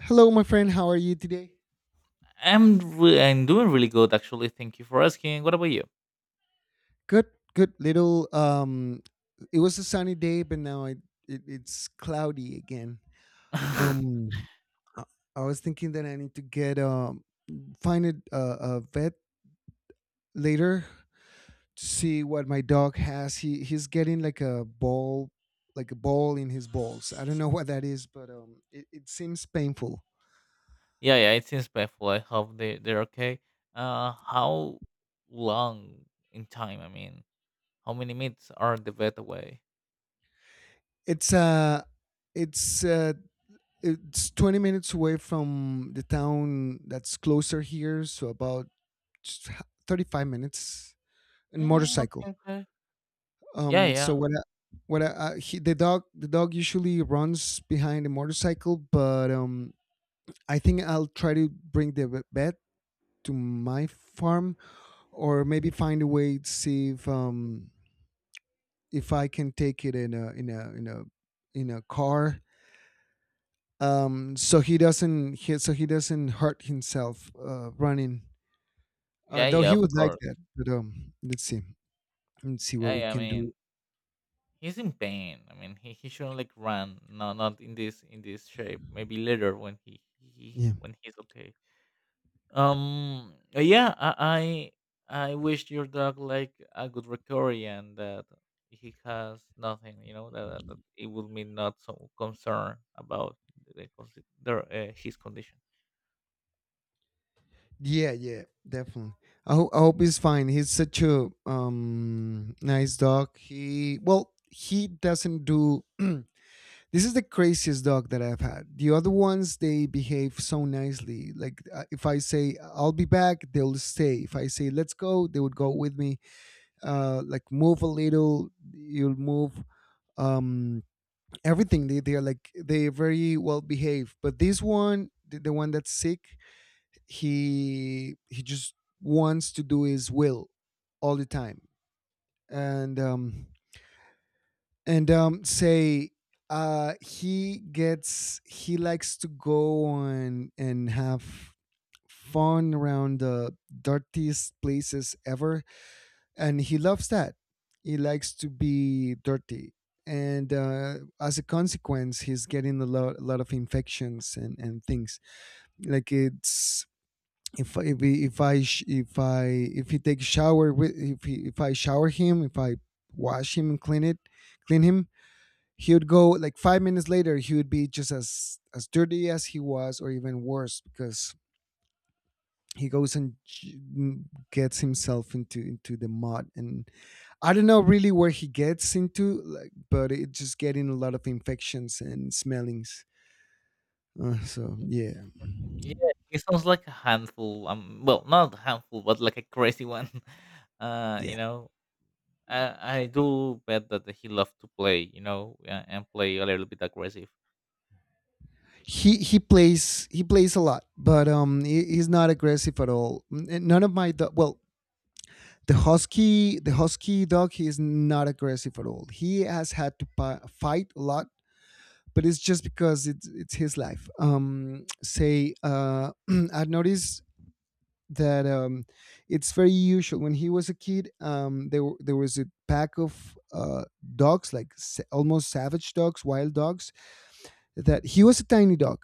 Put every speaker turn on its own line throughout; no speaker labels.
Hello, my friend. How are you today?
I'm doing really good actually. Thank you for asking. What about you?
Good, good. Little. It was a sunny day, but now it's cloudy again. Um, I, I was thinking that I need to get find a vet later to see what my dog has. He's getting like a ball in his balls. I don't know what that is, but it seems painful.
Yeah, yeah, it seems painful. I hope they're okay. How long in time? I mean, how many minutes are the vet away?
It's uh, it's uh, it's 20 minutes away from the town that's closer here, so about 35 minutes in
Mm,
motorcycle.
okay, okay. Yeah,
So
yeah,
what? I, what? I, he, the dog usually runs behind the motorcycle, but I think I'll try to bring the vet to my farm, or maybe find a way to see if I can take it in a in a car. So he doesn't hurt himself running.
yeah,
Though
yeah.
he
Of
would like
course.
that, but let's see what
Yeah,
we
yeah. I
can
mean,
do.
he's in pain. I mean, he shouldn't like run. No, not in this shape. Maybe later when he, he
Yeah.
when he's okay. Yeah. I wish your dog like a good recovery, and that he has nothing. You know that, that it would mean not so concern about his condition.
Yeah, yeah, definitely. I hope he's fine. He's such a nice dog. He well, he doesn't do. This is the craziest dog that I've had. The other ones they behave so nicely. Like if I say I'll be back, they'll stay. If I say let's go, they would go with me. Like move a little, you'll move. Um, Everything they are like they are very well behaved. But this one, the one that's sick, he just wants to do his will all the time and um and say he gets he likes to go on and have fun around the dirtiest places ever, and he loves that, he likes to be dirty, and as a consequence he's getting a lot of infections and things like it's if he takes shower with if I shower him, if I wash him and clean it, clean him, he would go like 5 minutes later, he would be just as dirty as he was, or even worse because he goes and gets himself into the mud, and I don't know really where he gets into like, but it just getting a lot of infections and smellings, so yeah.
Yeah, he sounds like a handful. Well, not a handful, but like a crazy one. Uh, you
Yeah,
know, I do bet that he loves to play. You know, and play a little bit aggressive.
he plays a lot, but he's not aggressive at all. None of my well, the husky, the husky dog he is not aggressive at all. He has had to fight a lot, but it's just because it's his life. Say I've noticed that it's very usual when he was a kid. There there was a pack of dogs like almost savage dogs, wild dogs, that he was a tiny dog.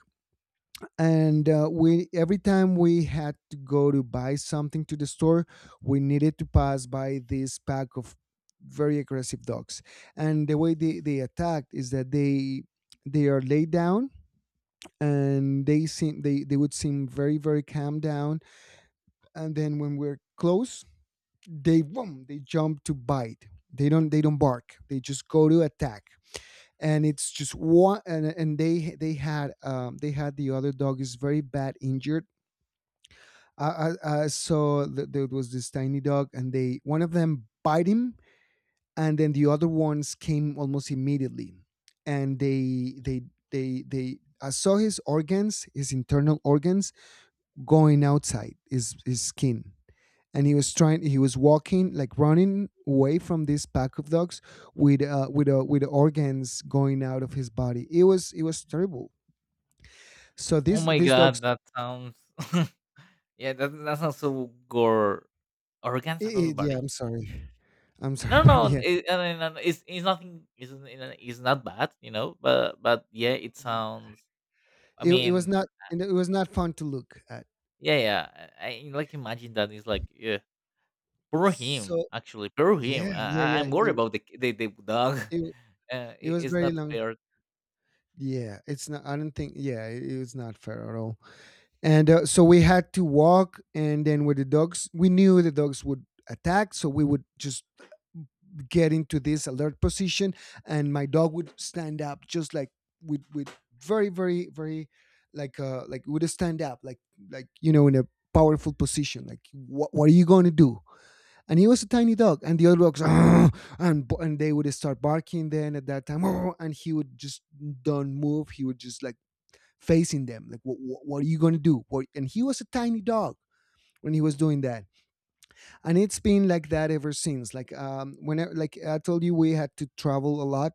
And we, every time we had to go to buy something to the store, we needed to pass by this pack of very aggressive dogs. And the way they attacked is that they are laid down, and they seem they would seem very very calm down, and then when we're close, they boom, they jump to bite. They don't bark, they just go to attack. And it's just one, and they had the other dog is very bad injured. I saw that there was this tiny dog, and they one of them bite him, and then the other ones came almost immediately, and they they. I saw his organs, his internal organs, going outside his skin, and he was trying. He was walking, like running away from this pack of dogs with with organs going out of his body. It was, it was terrible. So
Oh my
these dogs,
god, that sounds, yeah, that sounds so gore. Organs out of
I
the
yeah,
body?
I'm sorry,
No,
but
no,
yeah,
I mean, it's nothing. It's not bad. But yeah, it sounds. I
it was
mean,
not, and it was not fun to look at.
yeah, yeah. I like imagine that it's like, yeah, poor him.
So
Actually, poor him.
yeah, yeah, yeah.
I'm worried
It
about the dog.
it, it
It,
was
it's
very
not
long.
fair.
Yeah, it's not. I don't think. Yeah, it was not fair at all. And so we had to walk, and then with the dogs, we knew the dogs would attack, so we would just get into this alert position, and my dog would stand up, just like with very very very like would stand up like, you know, in a powerful position like, what are you going to do? And he was a tiny dog and the other dogs "Arr!" and and they would start barking. Then at that time "Arr!" and he would just don't move, he would just like facing them like, what are you going to do, what? And he was a tiny dog when he was doing that. And it's been like that ever since, like when I, like I told you, we had to travel a lot.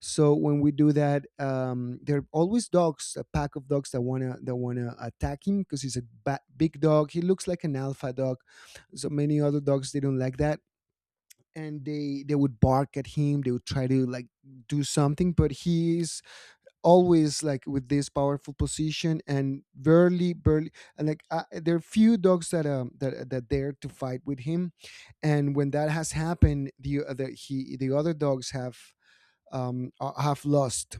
So when we do that, there are always dogs, a pack of dogs, that wanna, that wanna attack him because he's a big dog, he looks like an alpha dog. So many other dogs, they don't like that, and they would bark at him, they would try to like do something, but he's always like with this powerful position and barely, barely. And like there are few dogs that that dare to fight with him, and when that has happened, the other dogs have lost.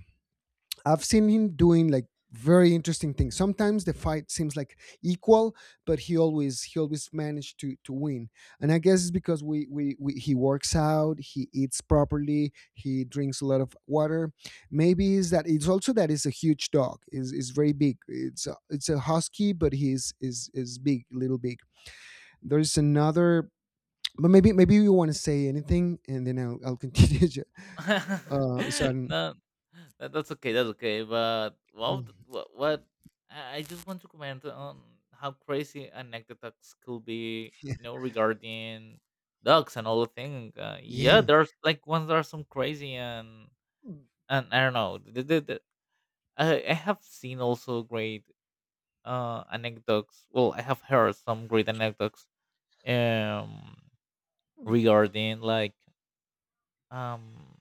I've seen him doing like very interesting things. Sometimes the fight seems like equal, but he always, he always managed to win. And I guess it's because we he works out, he eats properly, he drinks a lot of water. Maybe is that, it's also that it's a huge dog. Is very big. It's a husky, but he's is big, little big. There's another. But maybe, maybe you want to say anything, and then I'll continue. Uh, so I'm-
No, that, that's okay. That's okay. But what I just want to comment on how crazy anecdotes could be,
yeah,
regarding dogs and all the thing. Yeah,
yeah.
there's like ones that are some crazy, and I don't know. I have seen also great anecdotes. Well, I have heard some great anecdotes um regarding, like, um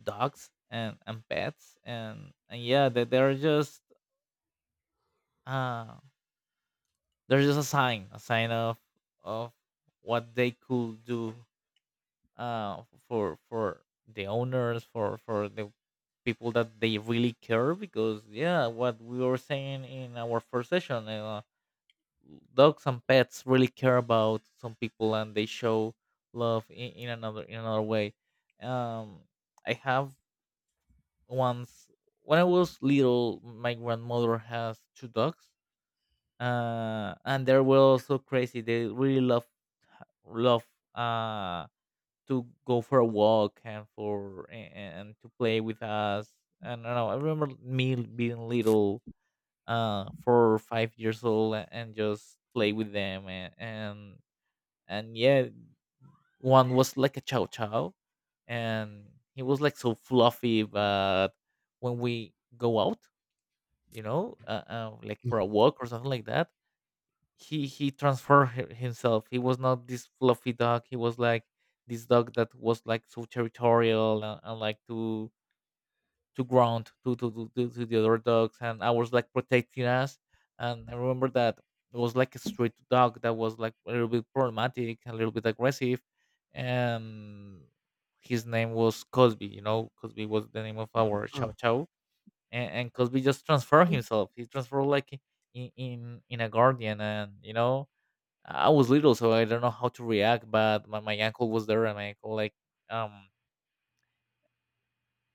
dogs and pets, and yeah, they're just, uh they're just a sign, of of what they could do, uh for the owners, for the people that they really care, because yeah, what we were saying in our first session, dogs and pets really care about some people, and they show love in another way. Um I have once When I was little, my grandmother has two dogs, and they were also crazy. They really love, uh, to go for a walk, and and to play with us. And I don't know. I remember me being little, 4 or 5 years old, and just play with them. And yeah, one was like a chow chow, and he was like so fluffy, but when we go out, like, for a walk or something like that. He transformed himself. He was not this fluffy dog. He was like this dog that was like so territorial, and like, to ground to the other dogs. And I was like protecting us. And I remember that it was like a street dog that was like a little bit problematic, a little bit aggressive, and his name was Cosby. You know, Cosby was the name of our chow
Oh.
chow, and Cosby just transformed himself. He transformed like, in, in a guardian, and I was little, so I don't know how to react. But my uncle was there, and my uncle, like, um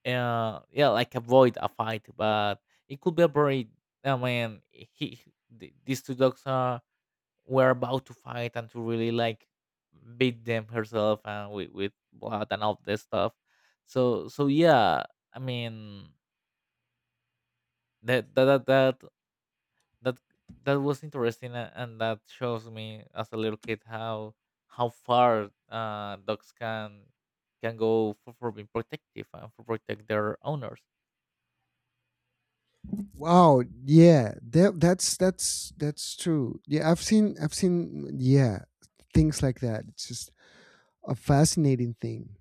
yeah like, avoid a fight. But it could be a very, I mean, he, these two dogs are were about to fight and to really, like, beat them herself, and with blood and all this stuff. So yeah, I mean, that that that, that that that was interesting, and that shows me as a little kid how far, dogs can go, for being protective and for protect their owners.
Wow, yeah, that that's true. Yeah, I've seen, I've seen, yeah, things like that. It's just a fascinating thing.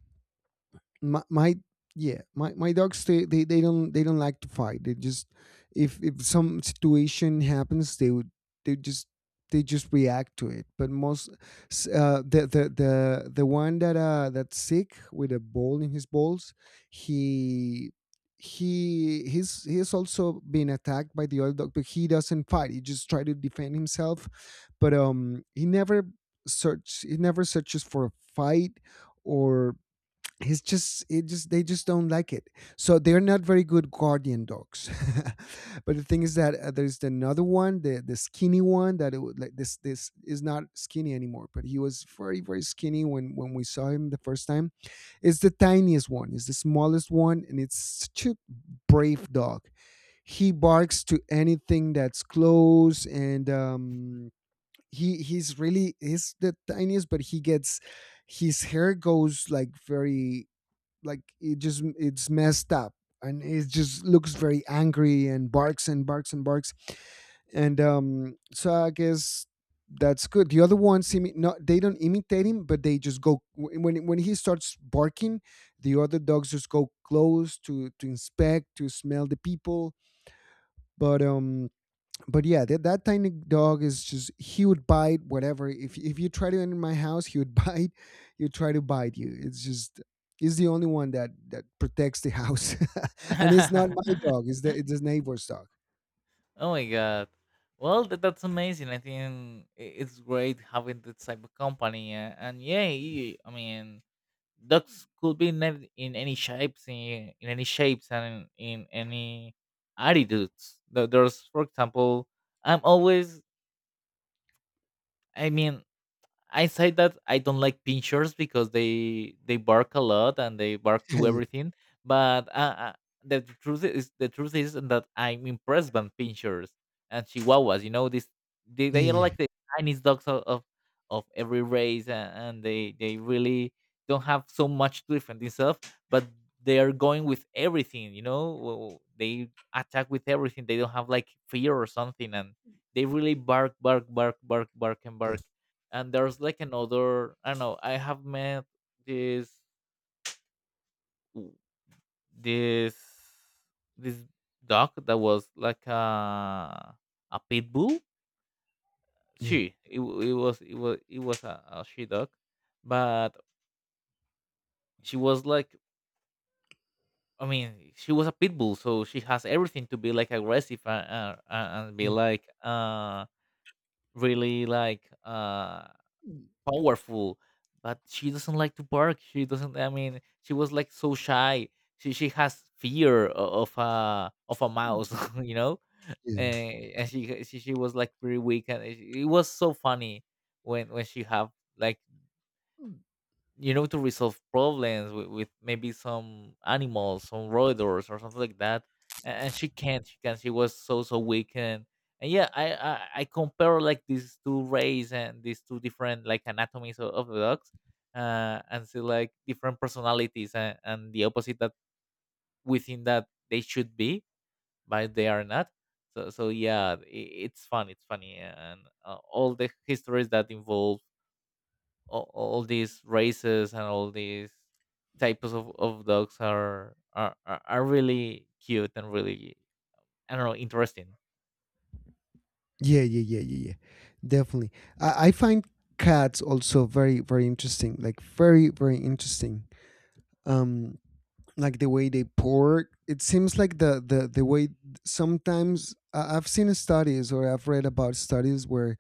My yeah, my dogs, they don't, they don't like to fight, they just, if some situation happens they would, they just they just react to it. But most the one that that's sick with a ball in his balls, he he's also been attacked by the other dog, but he doesn't fight, he just try to defend himself. But he never search, he never searches for a fight. Or it's just, it just, they just don't like it. So they're not very good guardian dogs. But the thing is that there's another one, the skinny one, that it would like, this is not skinny anymore, but he was very very skinny when we saw him the first time. It's the tiniest one, it's the smallest one, and it's such a brave dog. He barks to anything that's close. And he's really, he's the tiniest, but he gets, his hair goes like very like, it just it's messed up, and it just looks very angry, and barks and barks and barks. And so I guess that's good. The other ones no, they don't imitate him, but they just go when he starts barking, the other dogs just go close to inspect, to smell the people. But yeah, that tiny dog is just, he would bite whatever. If you try to enter my house, he would bite. You try to bite you. It's just, he's the only one that that protects the house, and it's not my dog. It's the, it's the neighbor's dog.
Oh my god, well, that, that's amazing. I think it's great having this type of company, and yeah, I mean, dogs could be in in any shapes, in any shapes, and in any attitudes. There's, for example, i'm always I mean, I say that I don't like pinchers because they bark a lot, and they bark to
Yeah,
everything. But the truth is that I'm impressed by pinchers and chihuahuas. You know, this they,
yeah,
they are
yeah,
like the tiniest dogs of of every race, and they really don't have so much to defend themselves, but they are going with everything. You know, they attack with everything. They don't have like fear or something, and they really bark, bark, bark, bark, bark, and
yeah,
bark. And there's like another, I don't know, I have met this this this dog that was like a pit bull.
yeah,
It was a she dog, but she was like, I mean, she was a pit bull, so she has everything to be like aggressive, and be
yeah,
like, really, like, powerful, but she doesn't like to bark. She doesn't. I mean, she was like so shy. She has fear of a mouse, you know.
yeah.
And she was like pretty weak, and it was so funny when she have, like, to resolve problems with, maybe some animals, some roedors or something like that. And, she can't she was so weak, and yeah, I compare, like, these two rays and these two different, like, anatomies of, the dogs, and see, like, different personalities, and the opposite that within that they should be, but they are not. So yeah, I it's fun it's funny, and all the histories that involve, all these races and all these types of, dogs are, are really cute and really, I don't know, interesting.
Yeah, yeah, yeah, yeah, yeah. Definitely. I find cats also very, very interesting. Like very, very interesting. Um, like the way they pour. It seems like the way, sometimes I've seen studies, or I've read about studies where,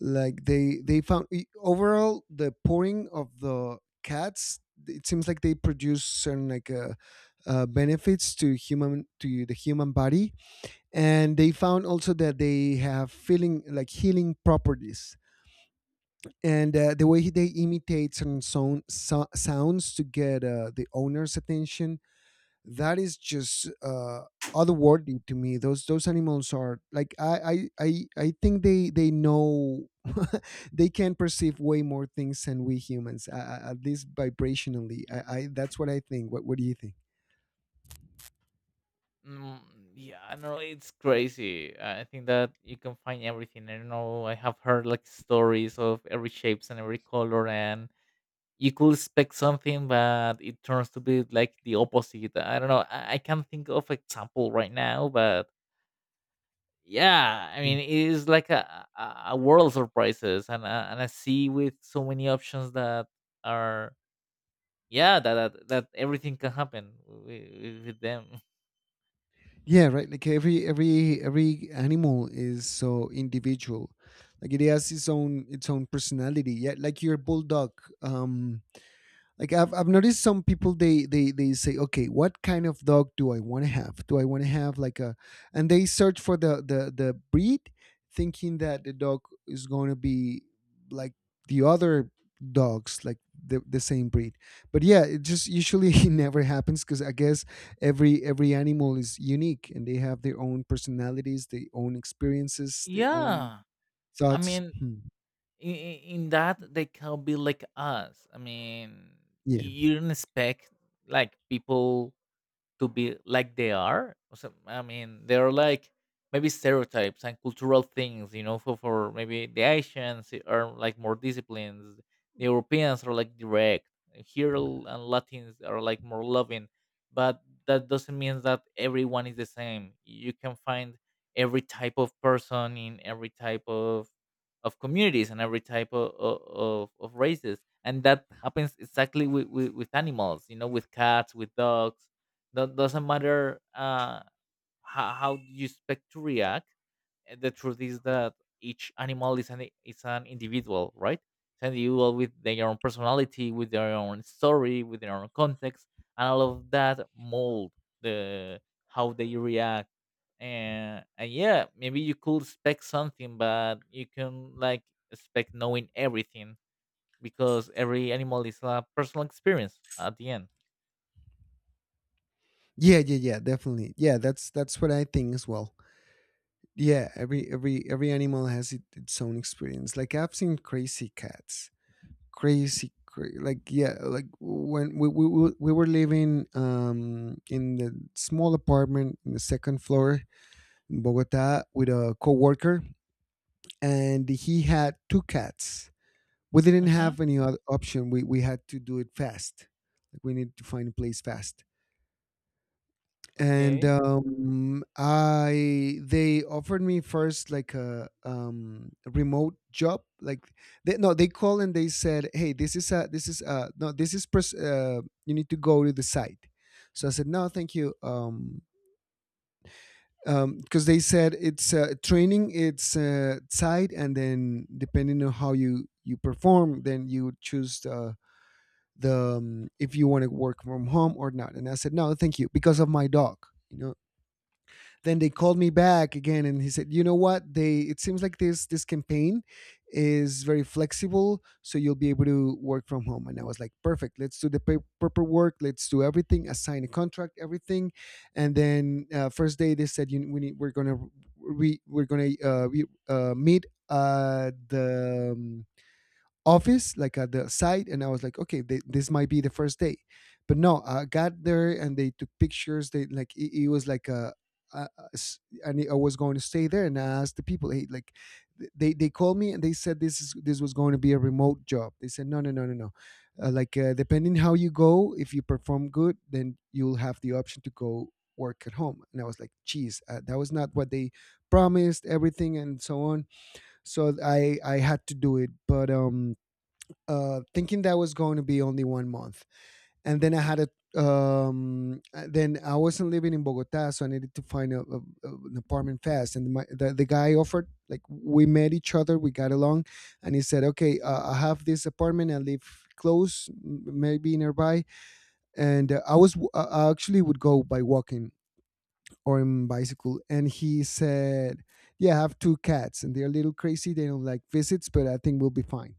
like they found overall the pouring of the cats. It seems like they produce certain like benefits to human, to the human body. And they found also that they have feeling, like healing properties. And the way they imitate certain sound, sounds to get the owner's attention, that is just otherworldly to me. Those animals are like, I think they know, they can perceive way more things than we humans, at least vibrationally. I, that's what I think. What do you think?
Mm, yeah, I don't know. It's crazy. I think that you can find everything. I don't know. I have heard, like, stories of every shapes and every color, and you could expect something, but it turns to be like the opposite. I don't know. I can't think of example right now, but yeah, I mean, it is like a world of prices, and a sea with so many options that are, yeah, that everything can happen with, them.
Yeah, right. Like every animal is so individual. Like it has its own personality. Yeah, like your bulldog. Um, like I've noticed some people they say, okay, what kind of dog do I want to have? Do I want to have like a, and they search for the breed, thinking that the dog is going to be like the other dogs, like the same breed. But yeah, it just usually it never happens, because I guess every animal is unique, and they have their own personalities, their own experiences, their own
Yeah, I
thoughts.
mean,
Hmm.
in that they can be like us. I mean,
yeah
you don't expect, like, people to be like they are. So, I mean, they're like, maybe stereotypes and cultural things, for, maybe the Asians are like more disciplined, the Europeans are like direct, and Latins are like more loving, but that doesn't mean that everyone is the same. You can find every type of person in every type of communities, and every type of, of races, and that happens exactly with, with animals, with cats, with dogs. That doesn't matter, how you expect to react, the truth is that each animal is an individual, right? It's an individual with their own personality, with their own story, with their own context, and all of that mold the how they react, and yeah, maybe you could expect something, but you can, like, expect knowing everything because every animal is a personal experience at the end.
yeah, definitely. Yeah, that's what I think as well. Yeah, every animal has its own experience. Like I've seen crazy cats, like, yeah. Like when we were living in the small apartment in the second floor in Bogota with a coworker, and he had two cats. We didn't
Hmm.
have any other option. We had to do it fast. Like, we need to find a place fast. And
Okay.
I they offered me first like a, a remote job. Like, they no they called and they said, hey, this is, no this is you need to go to the site. So I said, no, thank you. Because they said it's, training, it's site, and then depending on how you perform, then you choose the, if you want to work from home or not. And I said, no, thank you, because of my dog, you know. Then they called me back again, and he said, "You know what? They It seems like this campaign is very flexible, so you'll be able to work from home." And I was like, "Perfect. Let's do the paperwork. Let's do everything. Assign a contract, everything." And then first day they said, "We need, we're gonna we're gonna meet" the, office, like at the site. And I was like, okay, this might be the first day. But no, I got there and they took pictures. They like It was like a, and I was going to stay there. And I asked the people, hey, like, they called me and they said this, is this was going to be a remote job. They said, no, no, no, no, no, depending how you go, if you perform good, then you'll have the option to go work at home. And I was like, geez, that was not what they promised, everything and so on. So I had to do it. But thinking that was going to be only 1 month, and then I had a, then I wasn't living in Bogota, so I needed to find a, an apartment fast. And the guy offered, like, we met each other, we got along, and he said, okay, I have this apartment, I live close, maybe nearby. And I actually would go by walking or in bicycle. And he said, yeah, I have two cats and they're a little crazy, they don't like visits, but I think we'll be fine.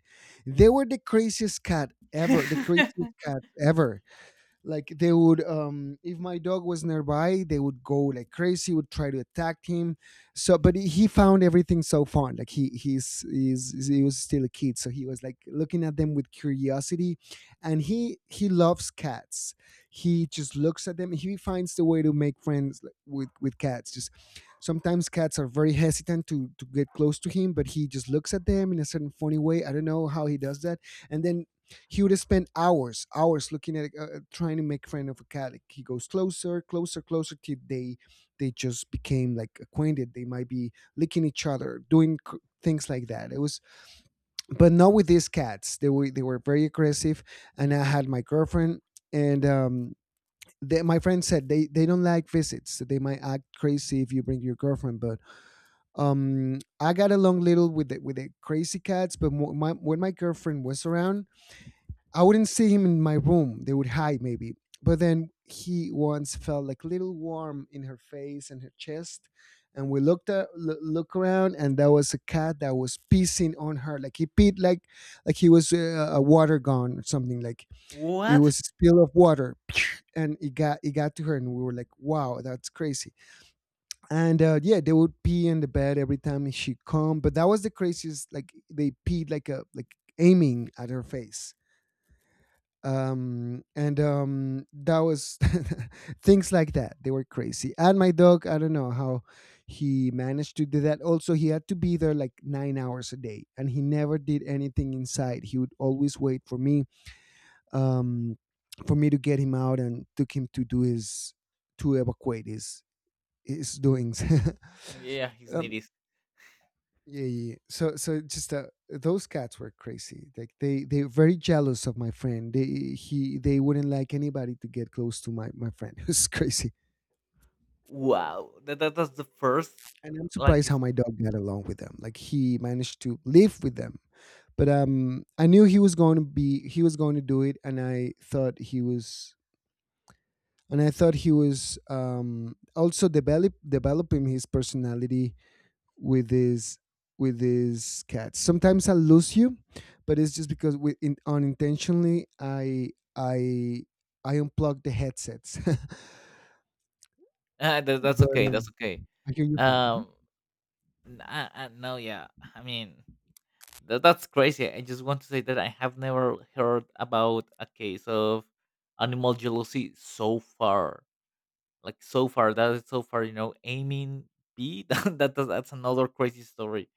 They were the craziest cat ever, the craziest cat ever. Like, they would, if my dog was nearby, they would go like crazy, would try to attack him. So, but he found everything so fun. Like, he he's he was still a kid, so he was like looking at them with curiosity. And he loves cats. He just looks at them, he finds the way to make friends, like, with cats. Just sometimes cats are very hesitant to get close to him, but he just looks at them in a certain funny way. I don't know how he does that. And then he would spend hours, hours looking at, trying to make friend of a cat. Like, he goes closer, closer, closer till they just became like acquainted. They might be licking each other, doing things like that. It was, but not with these cats. They were very aggressive. And I had my girlfriend, and, they, my friend said, they don't like visits. So they might act crazy if you bring your girlfriend. But I got along little with with the crazy cats. But when my girlfriend was around, I wouldn't see him in my room. They would hide maybe. But then he once felt like little warm in her face and her chest. And we looked at, look around, and there was a cat that was pissing on her. Like, he peed like he was a water gun or something. Like, it
What?
was a spill of water, and it got to her. And we were like, "Wow, that's crazy." And yeah, they would pee in the bed every time she come. But that was the craziest. Like, they peed like a, like aiming at her face. And That was, things like that. They were crazy. And my dog, I don't know how he managed to do that also. He had to be there like 9 hours a day, and he never did anything inside. He would always wait for me, um for me to get him out and took him to do his, to evacuate his doings.
Yeah, he's
um,
needed.
yeah, So, so just those cats were crazy. Like, they were very jealous of my friend. They wouldn't like anybody to get close to my friend. It was crazy.
Wow, that's the first.
And I'm
Like,
surprised how
it's,
my dog got along with them. Like, he managed to live with them. But I knew he was going to be, he was going to do it. And I thought he was, and I thought he was also developing his personality with these, with these cats. Sometimes I lose you, but it's just because we unintentionally I I unplug the headsets.
that's
But
okay, that's okay.
I hear you fine. Mhm.
Um, no, yeah, I mean, that's crazy. I just want to say that I have never heard about a case of animal jealousy so far. Like, so far, that is so far. You know, aiming B. That's another crazy story.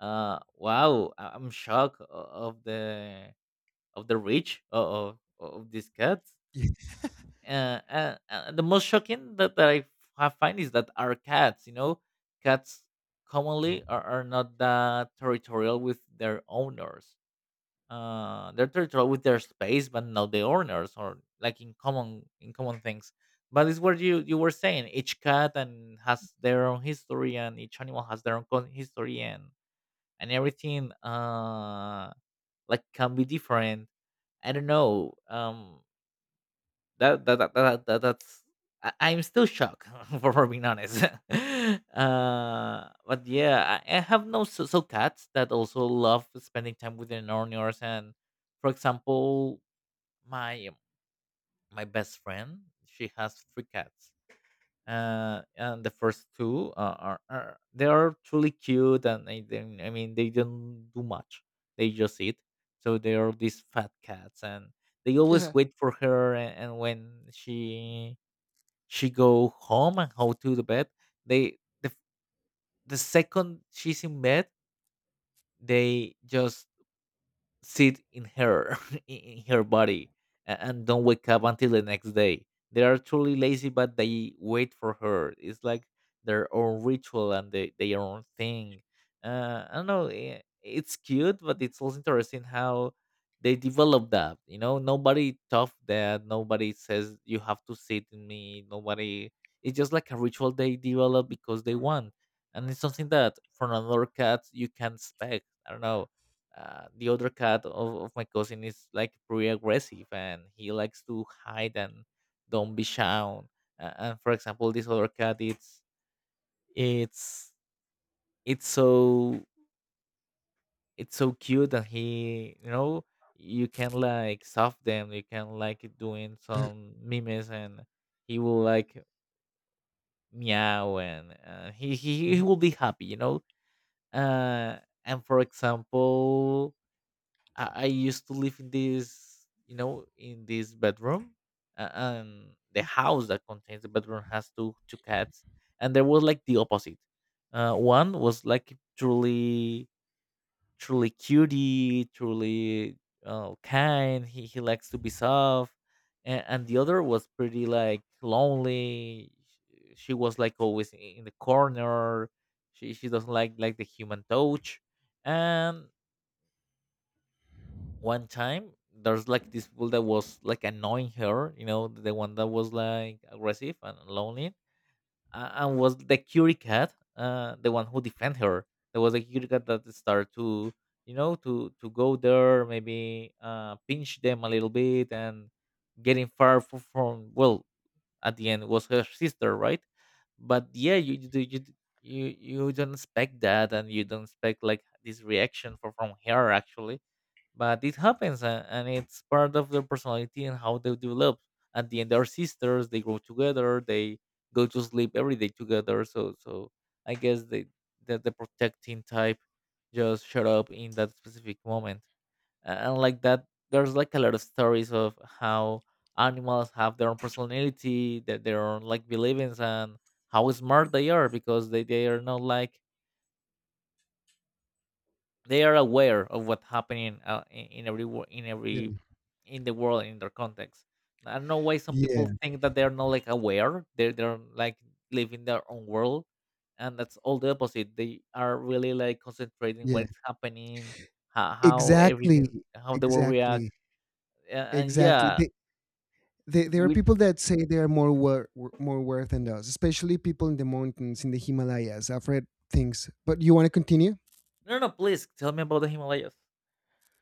Wow, I'm shocked of the of the reach, of these cats.
Yeah.
The most shocking that, I have find is that our cats, cats commonly are, not that territorial with their owners. They're territorial with their space, but not the owners, or, like, in common things. But it's what you were saying. Each cat and has their own history, and each animal has their own history, and everything, like, can be different. I don't know. That that that, that, that that's I'm still shocked for, being honest. But yeah, I have no, so cats that also love spending time with their owners. And, for example, my my best friend, she has three cats. And the first two, are truly cute, and I mean, they don't do much. They just eat. So they are these fat cats, and they
Yeah.
always wait for her and when she go home and how to the bed they the, f- the second she's in bed they just sit in her in her body and don't wake up until the next day. They are truly lazy, but they wait for her. It's like their own ritual and their own thing. I don't know, it's cute, but it's also interesting how they develop that, you know. Nobody tough that, nobody says you have to sit in me, nobody. It's just like a ritual they develop because they want, and it's something that from another cat you can expect, I don't know. The other cat of my cousin is like pretty aggressive, and he likes to hide and don't be shown. And for example, this other cat, it's it's so it's so cute, and he, you know, you can like soft them, you can like doing
Yeah.
some mimes, and he will like meow, and he
Mhm.
will be happy, you know. Uh, and for example, I used to live in this, you know, in this bedroom, and the house that contains the bedroom has two cats, and there was like the opposite. One was like truly, truly cutie, truly kind. He likes to be soft, and the other was pretty like lonely. She was like always in the corner. She doesn't like the human touch, and one time there's like this bull that was like annoying her, you know, the one that was like aggressive and lonely. And was the curie cat, the one who defend her. There was a curie cat that started to, you know, to go there, maybe pinch them a little bit and getting far from, well, at the end it was her sister, right? But yeah, you do- you d- you don't expect that, and you don't expect like this reaction from her actually. But it happens, and it's part of their personality and how they develop. At the end they're sisters, they grow together, they go to sleep every day together, so I guess they, that the protecting type just shut up in that specific moment. And like that, there's like a lot of stories of how animals have their own personality, that their own like beliefs, and how smart they are, because they are not like, they are aware of what's happening in every,
Yeah.
in the world, in their context. I don't know why some people
Yeah.
think that they're not like aware. They're like living their own world, and that's all the opposite. They are really like concentrating
Yeah.
what's happening, how
Exactly.
everything, how the world react,
Exactly.
uh, and
Exactly.
yeah,
They, there are
we.
people that say they are more more worth than us, especially people in the mountains in the Himalayas. I've read things. But you want to continue?
No, no, please tell me about the Himalayas.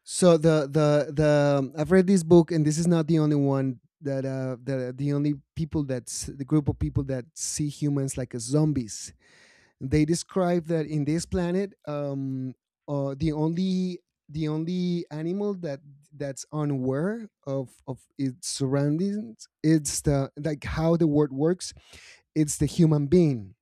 So the I've read this book, and this is not the only one that the only people, that's the group of people that see humans like as zombies. They describe that in this planet, the only, the only animal that, that's unaware of its surroundings, it's the, like how the world works, it's the human being.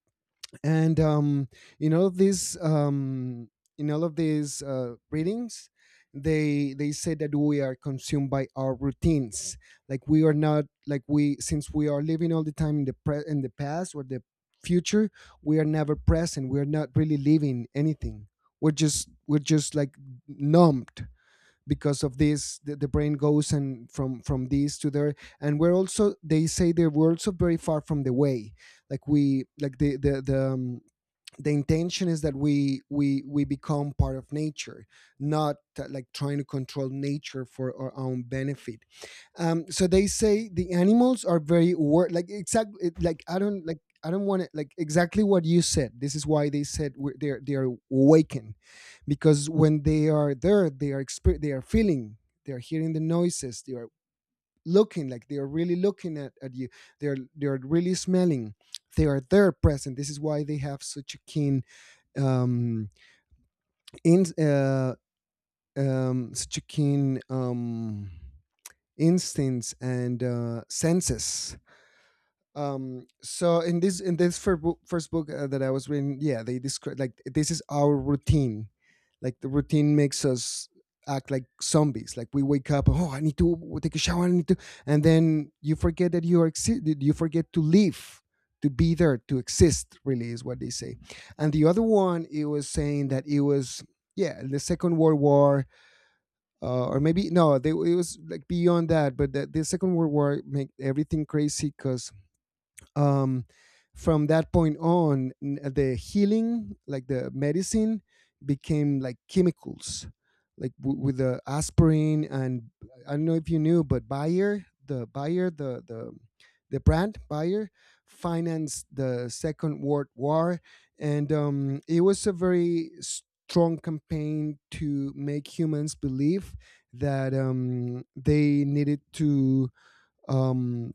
And in all of these, in all of these readings, they say that we are consumed by our routines. Like, we are not, like we, since we are living all the time in the in the past or the future, we are never present, we are not really living anything. We're just like numbed, because of this the brain goes and from this to there. And we're also, they say that we're also very far from the way, like we like the intention is that we we become part of nature, not like trying to control nature for our own benefit. So they say the animals are very like exactly like, I don't like, I don't want to like exactly what you said. This is why they said we're, they're awakened, because when they are there, they are they are feeling, they are hearing the noises, they are looking, like, they are really looking at you. They're really smelling, they are there present. This is why they have such a keen, um, in such a keen, instincts and senses. So in this first book that I was reading, yeah, they describe, like, this is our routine. Like, the routine makes us act like zombies. Like, we wake up, oh, I need to take a shower, I need to, and then you forget that you are that you forget to live, to be there, to exist, really, is what they say. And the other one it was saying that it was, yeah, the Second World War, or maybe no, it was like beyond that. But the Second World War made everything crazy, because um, from that point on, the healing, like the medicine, became like chemicals, like, with the aspirin and, I don't know if you knew, but Bayer, the brand Bayer, financed the Second World War. And it was A very strong campaign to make humans believe that they needed to um,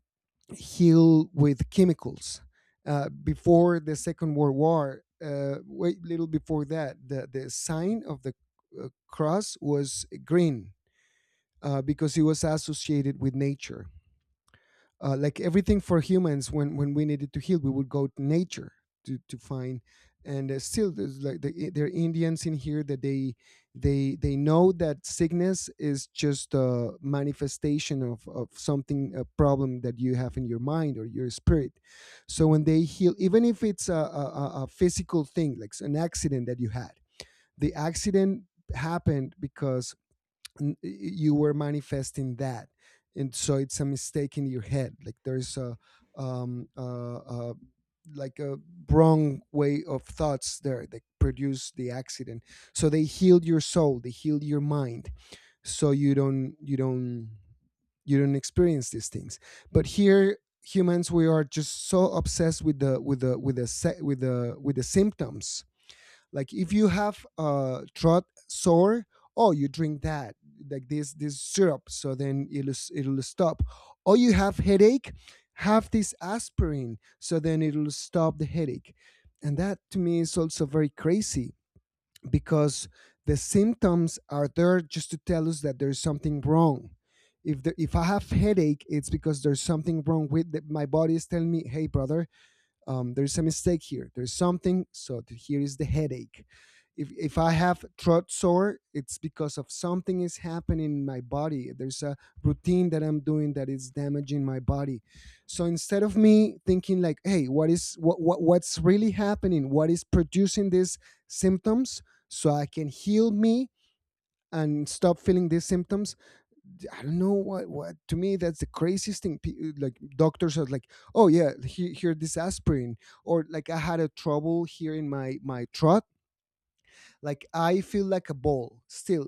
heal with chemicals. Before the Second World War, wait little before that, the sign of the cross was green because it was associated with nature, like everything for humans. When we needed to heal, we would go to nature to find. And still there's like there are indians in here that they know that sickness is just a manifestation of something, a problem that you have in your mind or your spirit. So when they heal, even if it's a physical thing like an accident that you had, the accident happened because you were manifesting that. And so it's a mistake in your head. Like there's a um uh, uh like a wrong way of thoughts there that produce the accident. So they heal your soul, they heal your mind, so you don't experience these things. But here humans, we are just so obsessed with the with the symptoms. Like if you have throat sore, oh, you drink that, like this syrup, so then it'll stop. Or you have headache, have this aspirin, so then it'll stop the headache. And that to me is also very crazy because the symptoms are there just to tell us that there's something wrong. If I have headache, it's because there's something wrong with my body. Is telling me, "Hey, brother, there's a mistake here. There's something. So here is the headache." If I have throat sore, it's because of something is happening in my body. There's a routine that I'm doing that is damaging my body. So instead of me thinking, like, hey, what is what's really happening? What is producing these symptoms? So I can heal me and stop feeling these symptoms. I don't know what, to me that's the craziest thing. Like doctors are like, oh yeah, here this aspirin. Or like I had a trouble here in my throat. Like I feel like a ball still.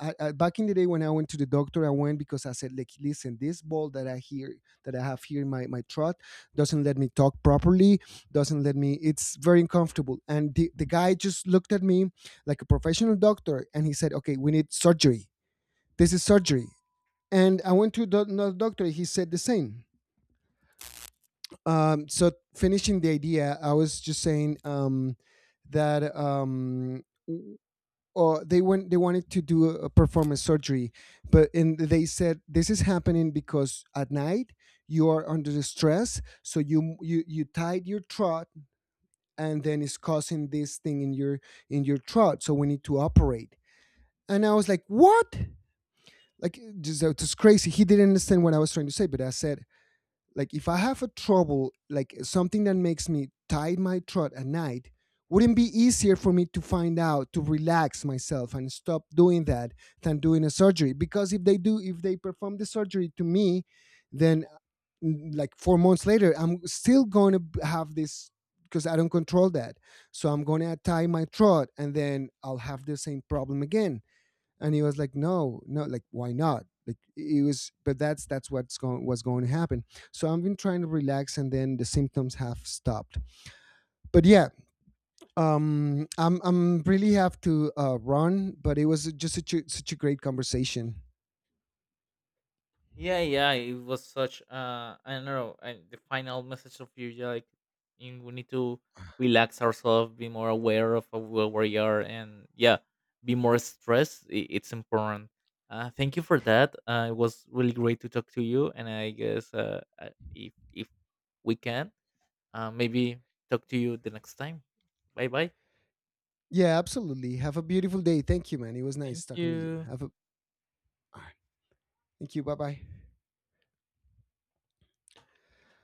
Back in the day when I went to the doctor, I went because I said, like, listen, this ball that I hear that I have here in my throat doesn't let me talk properly, doesn't let me. It's very uncomfortable. And the guy just looked at me like a professional doctor, and he said, okay, we need surgery. This is surgery. And I went to the, another doctor. He said the same. So finishing the idea, I was just saying that w- they went. They wanted to do a performance surgery, but, and they said this is happening because at night you are under the stress, so you tied your throat, and then it's causing this thing in your throat. So we need to operate. And I was like, what? Like, just, it's crazy. He didn't understand what I was trying to say, but I said, like, if I have a trouble, like something that makes me tie my throat at night, wouldn't be easier for me to find out to relax myself and stop doing that than doing a surgery? Because if they perform the surgery to me, then like 4 months later, I'm still going to have this because I don't control that. So I'm going to tie my throat and then I'll have the same problem again. And he was like, no, no, like, why not? Like, it was, but that's what's going was going to happen. So I've been trying to relax and then the symptoms have stopped. But yeah, I'm really have to run, but it was just such a great conversation.
Yeah, yeah, it was such, uh, I don't know, and the final message of you, yeah, like, in, we need to relax ourselves, be more aware of where we are and yeah, be more stressed. It's important. Uh, thank you for that. It was really great to talk to you, and I guess if we can, maybe talk to you the next time. Bye bye.
Yeah, absolutely, have a beautiful day. Thank you, man. It was nice
Thank
talking to you.
you.
Have a all right. Thank you, bye bye.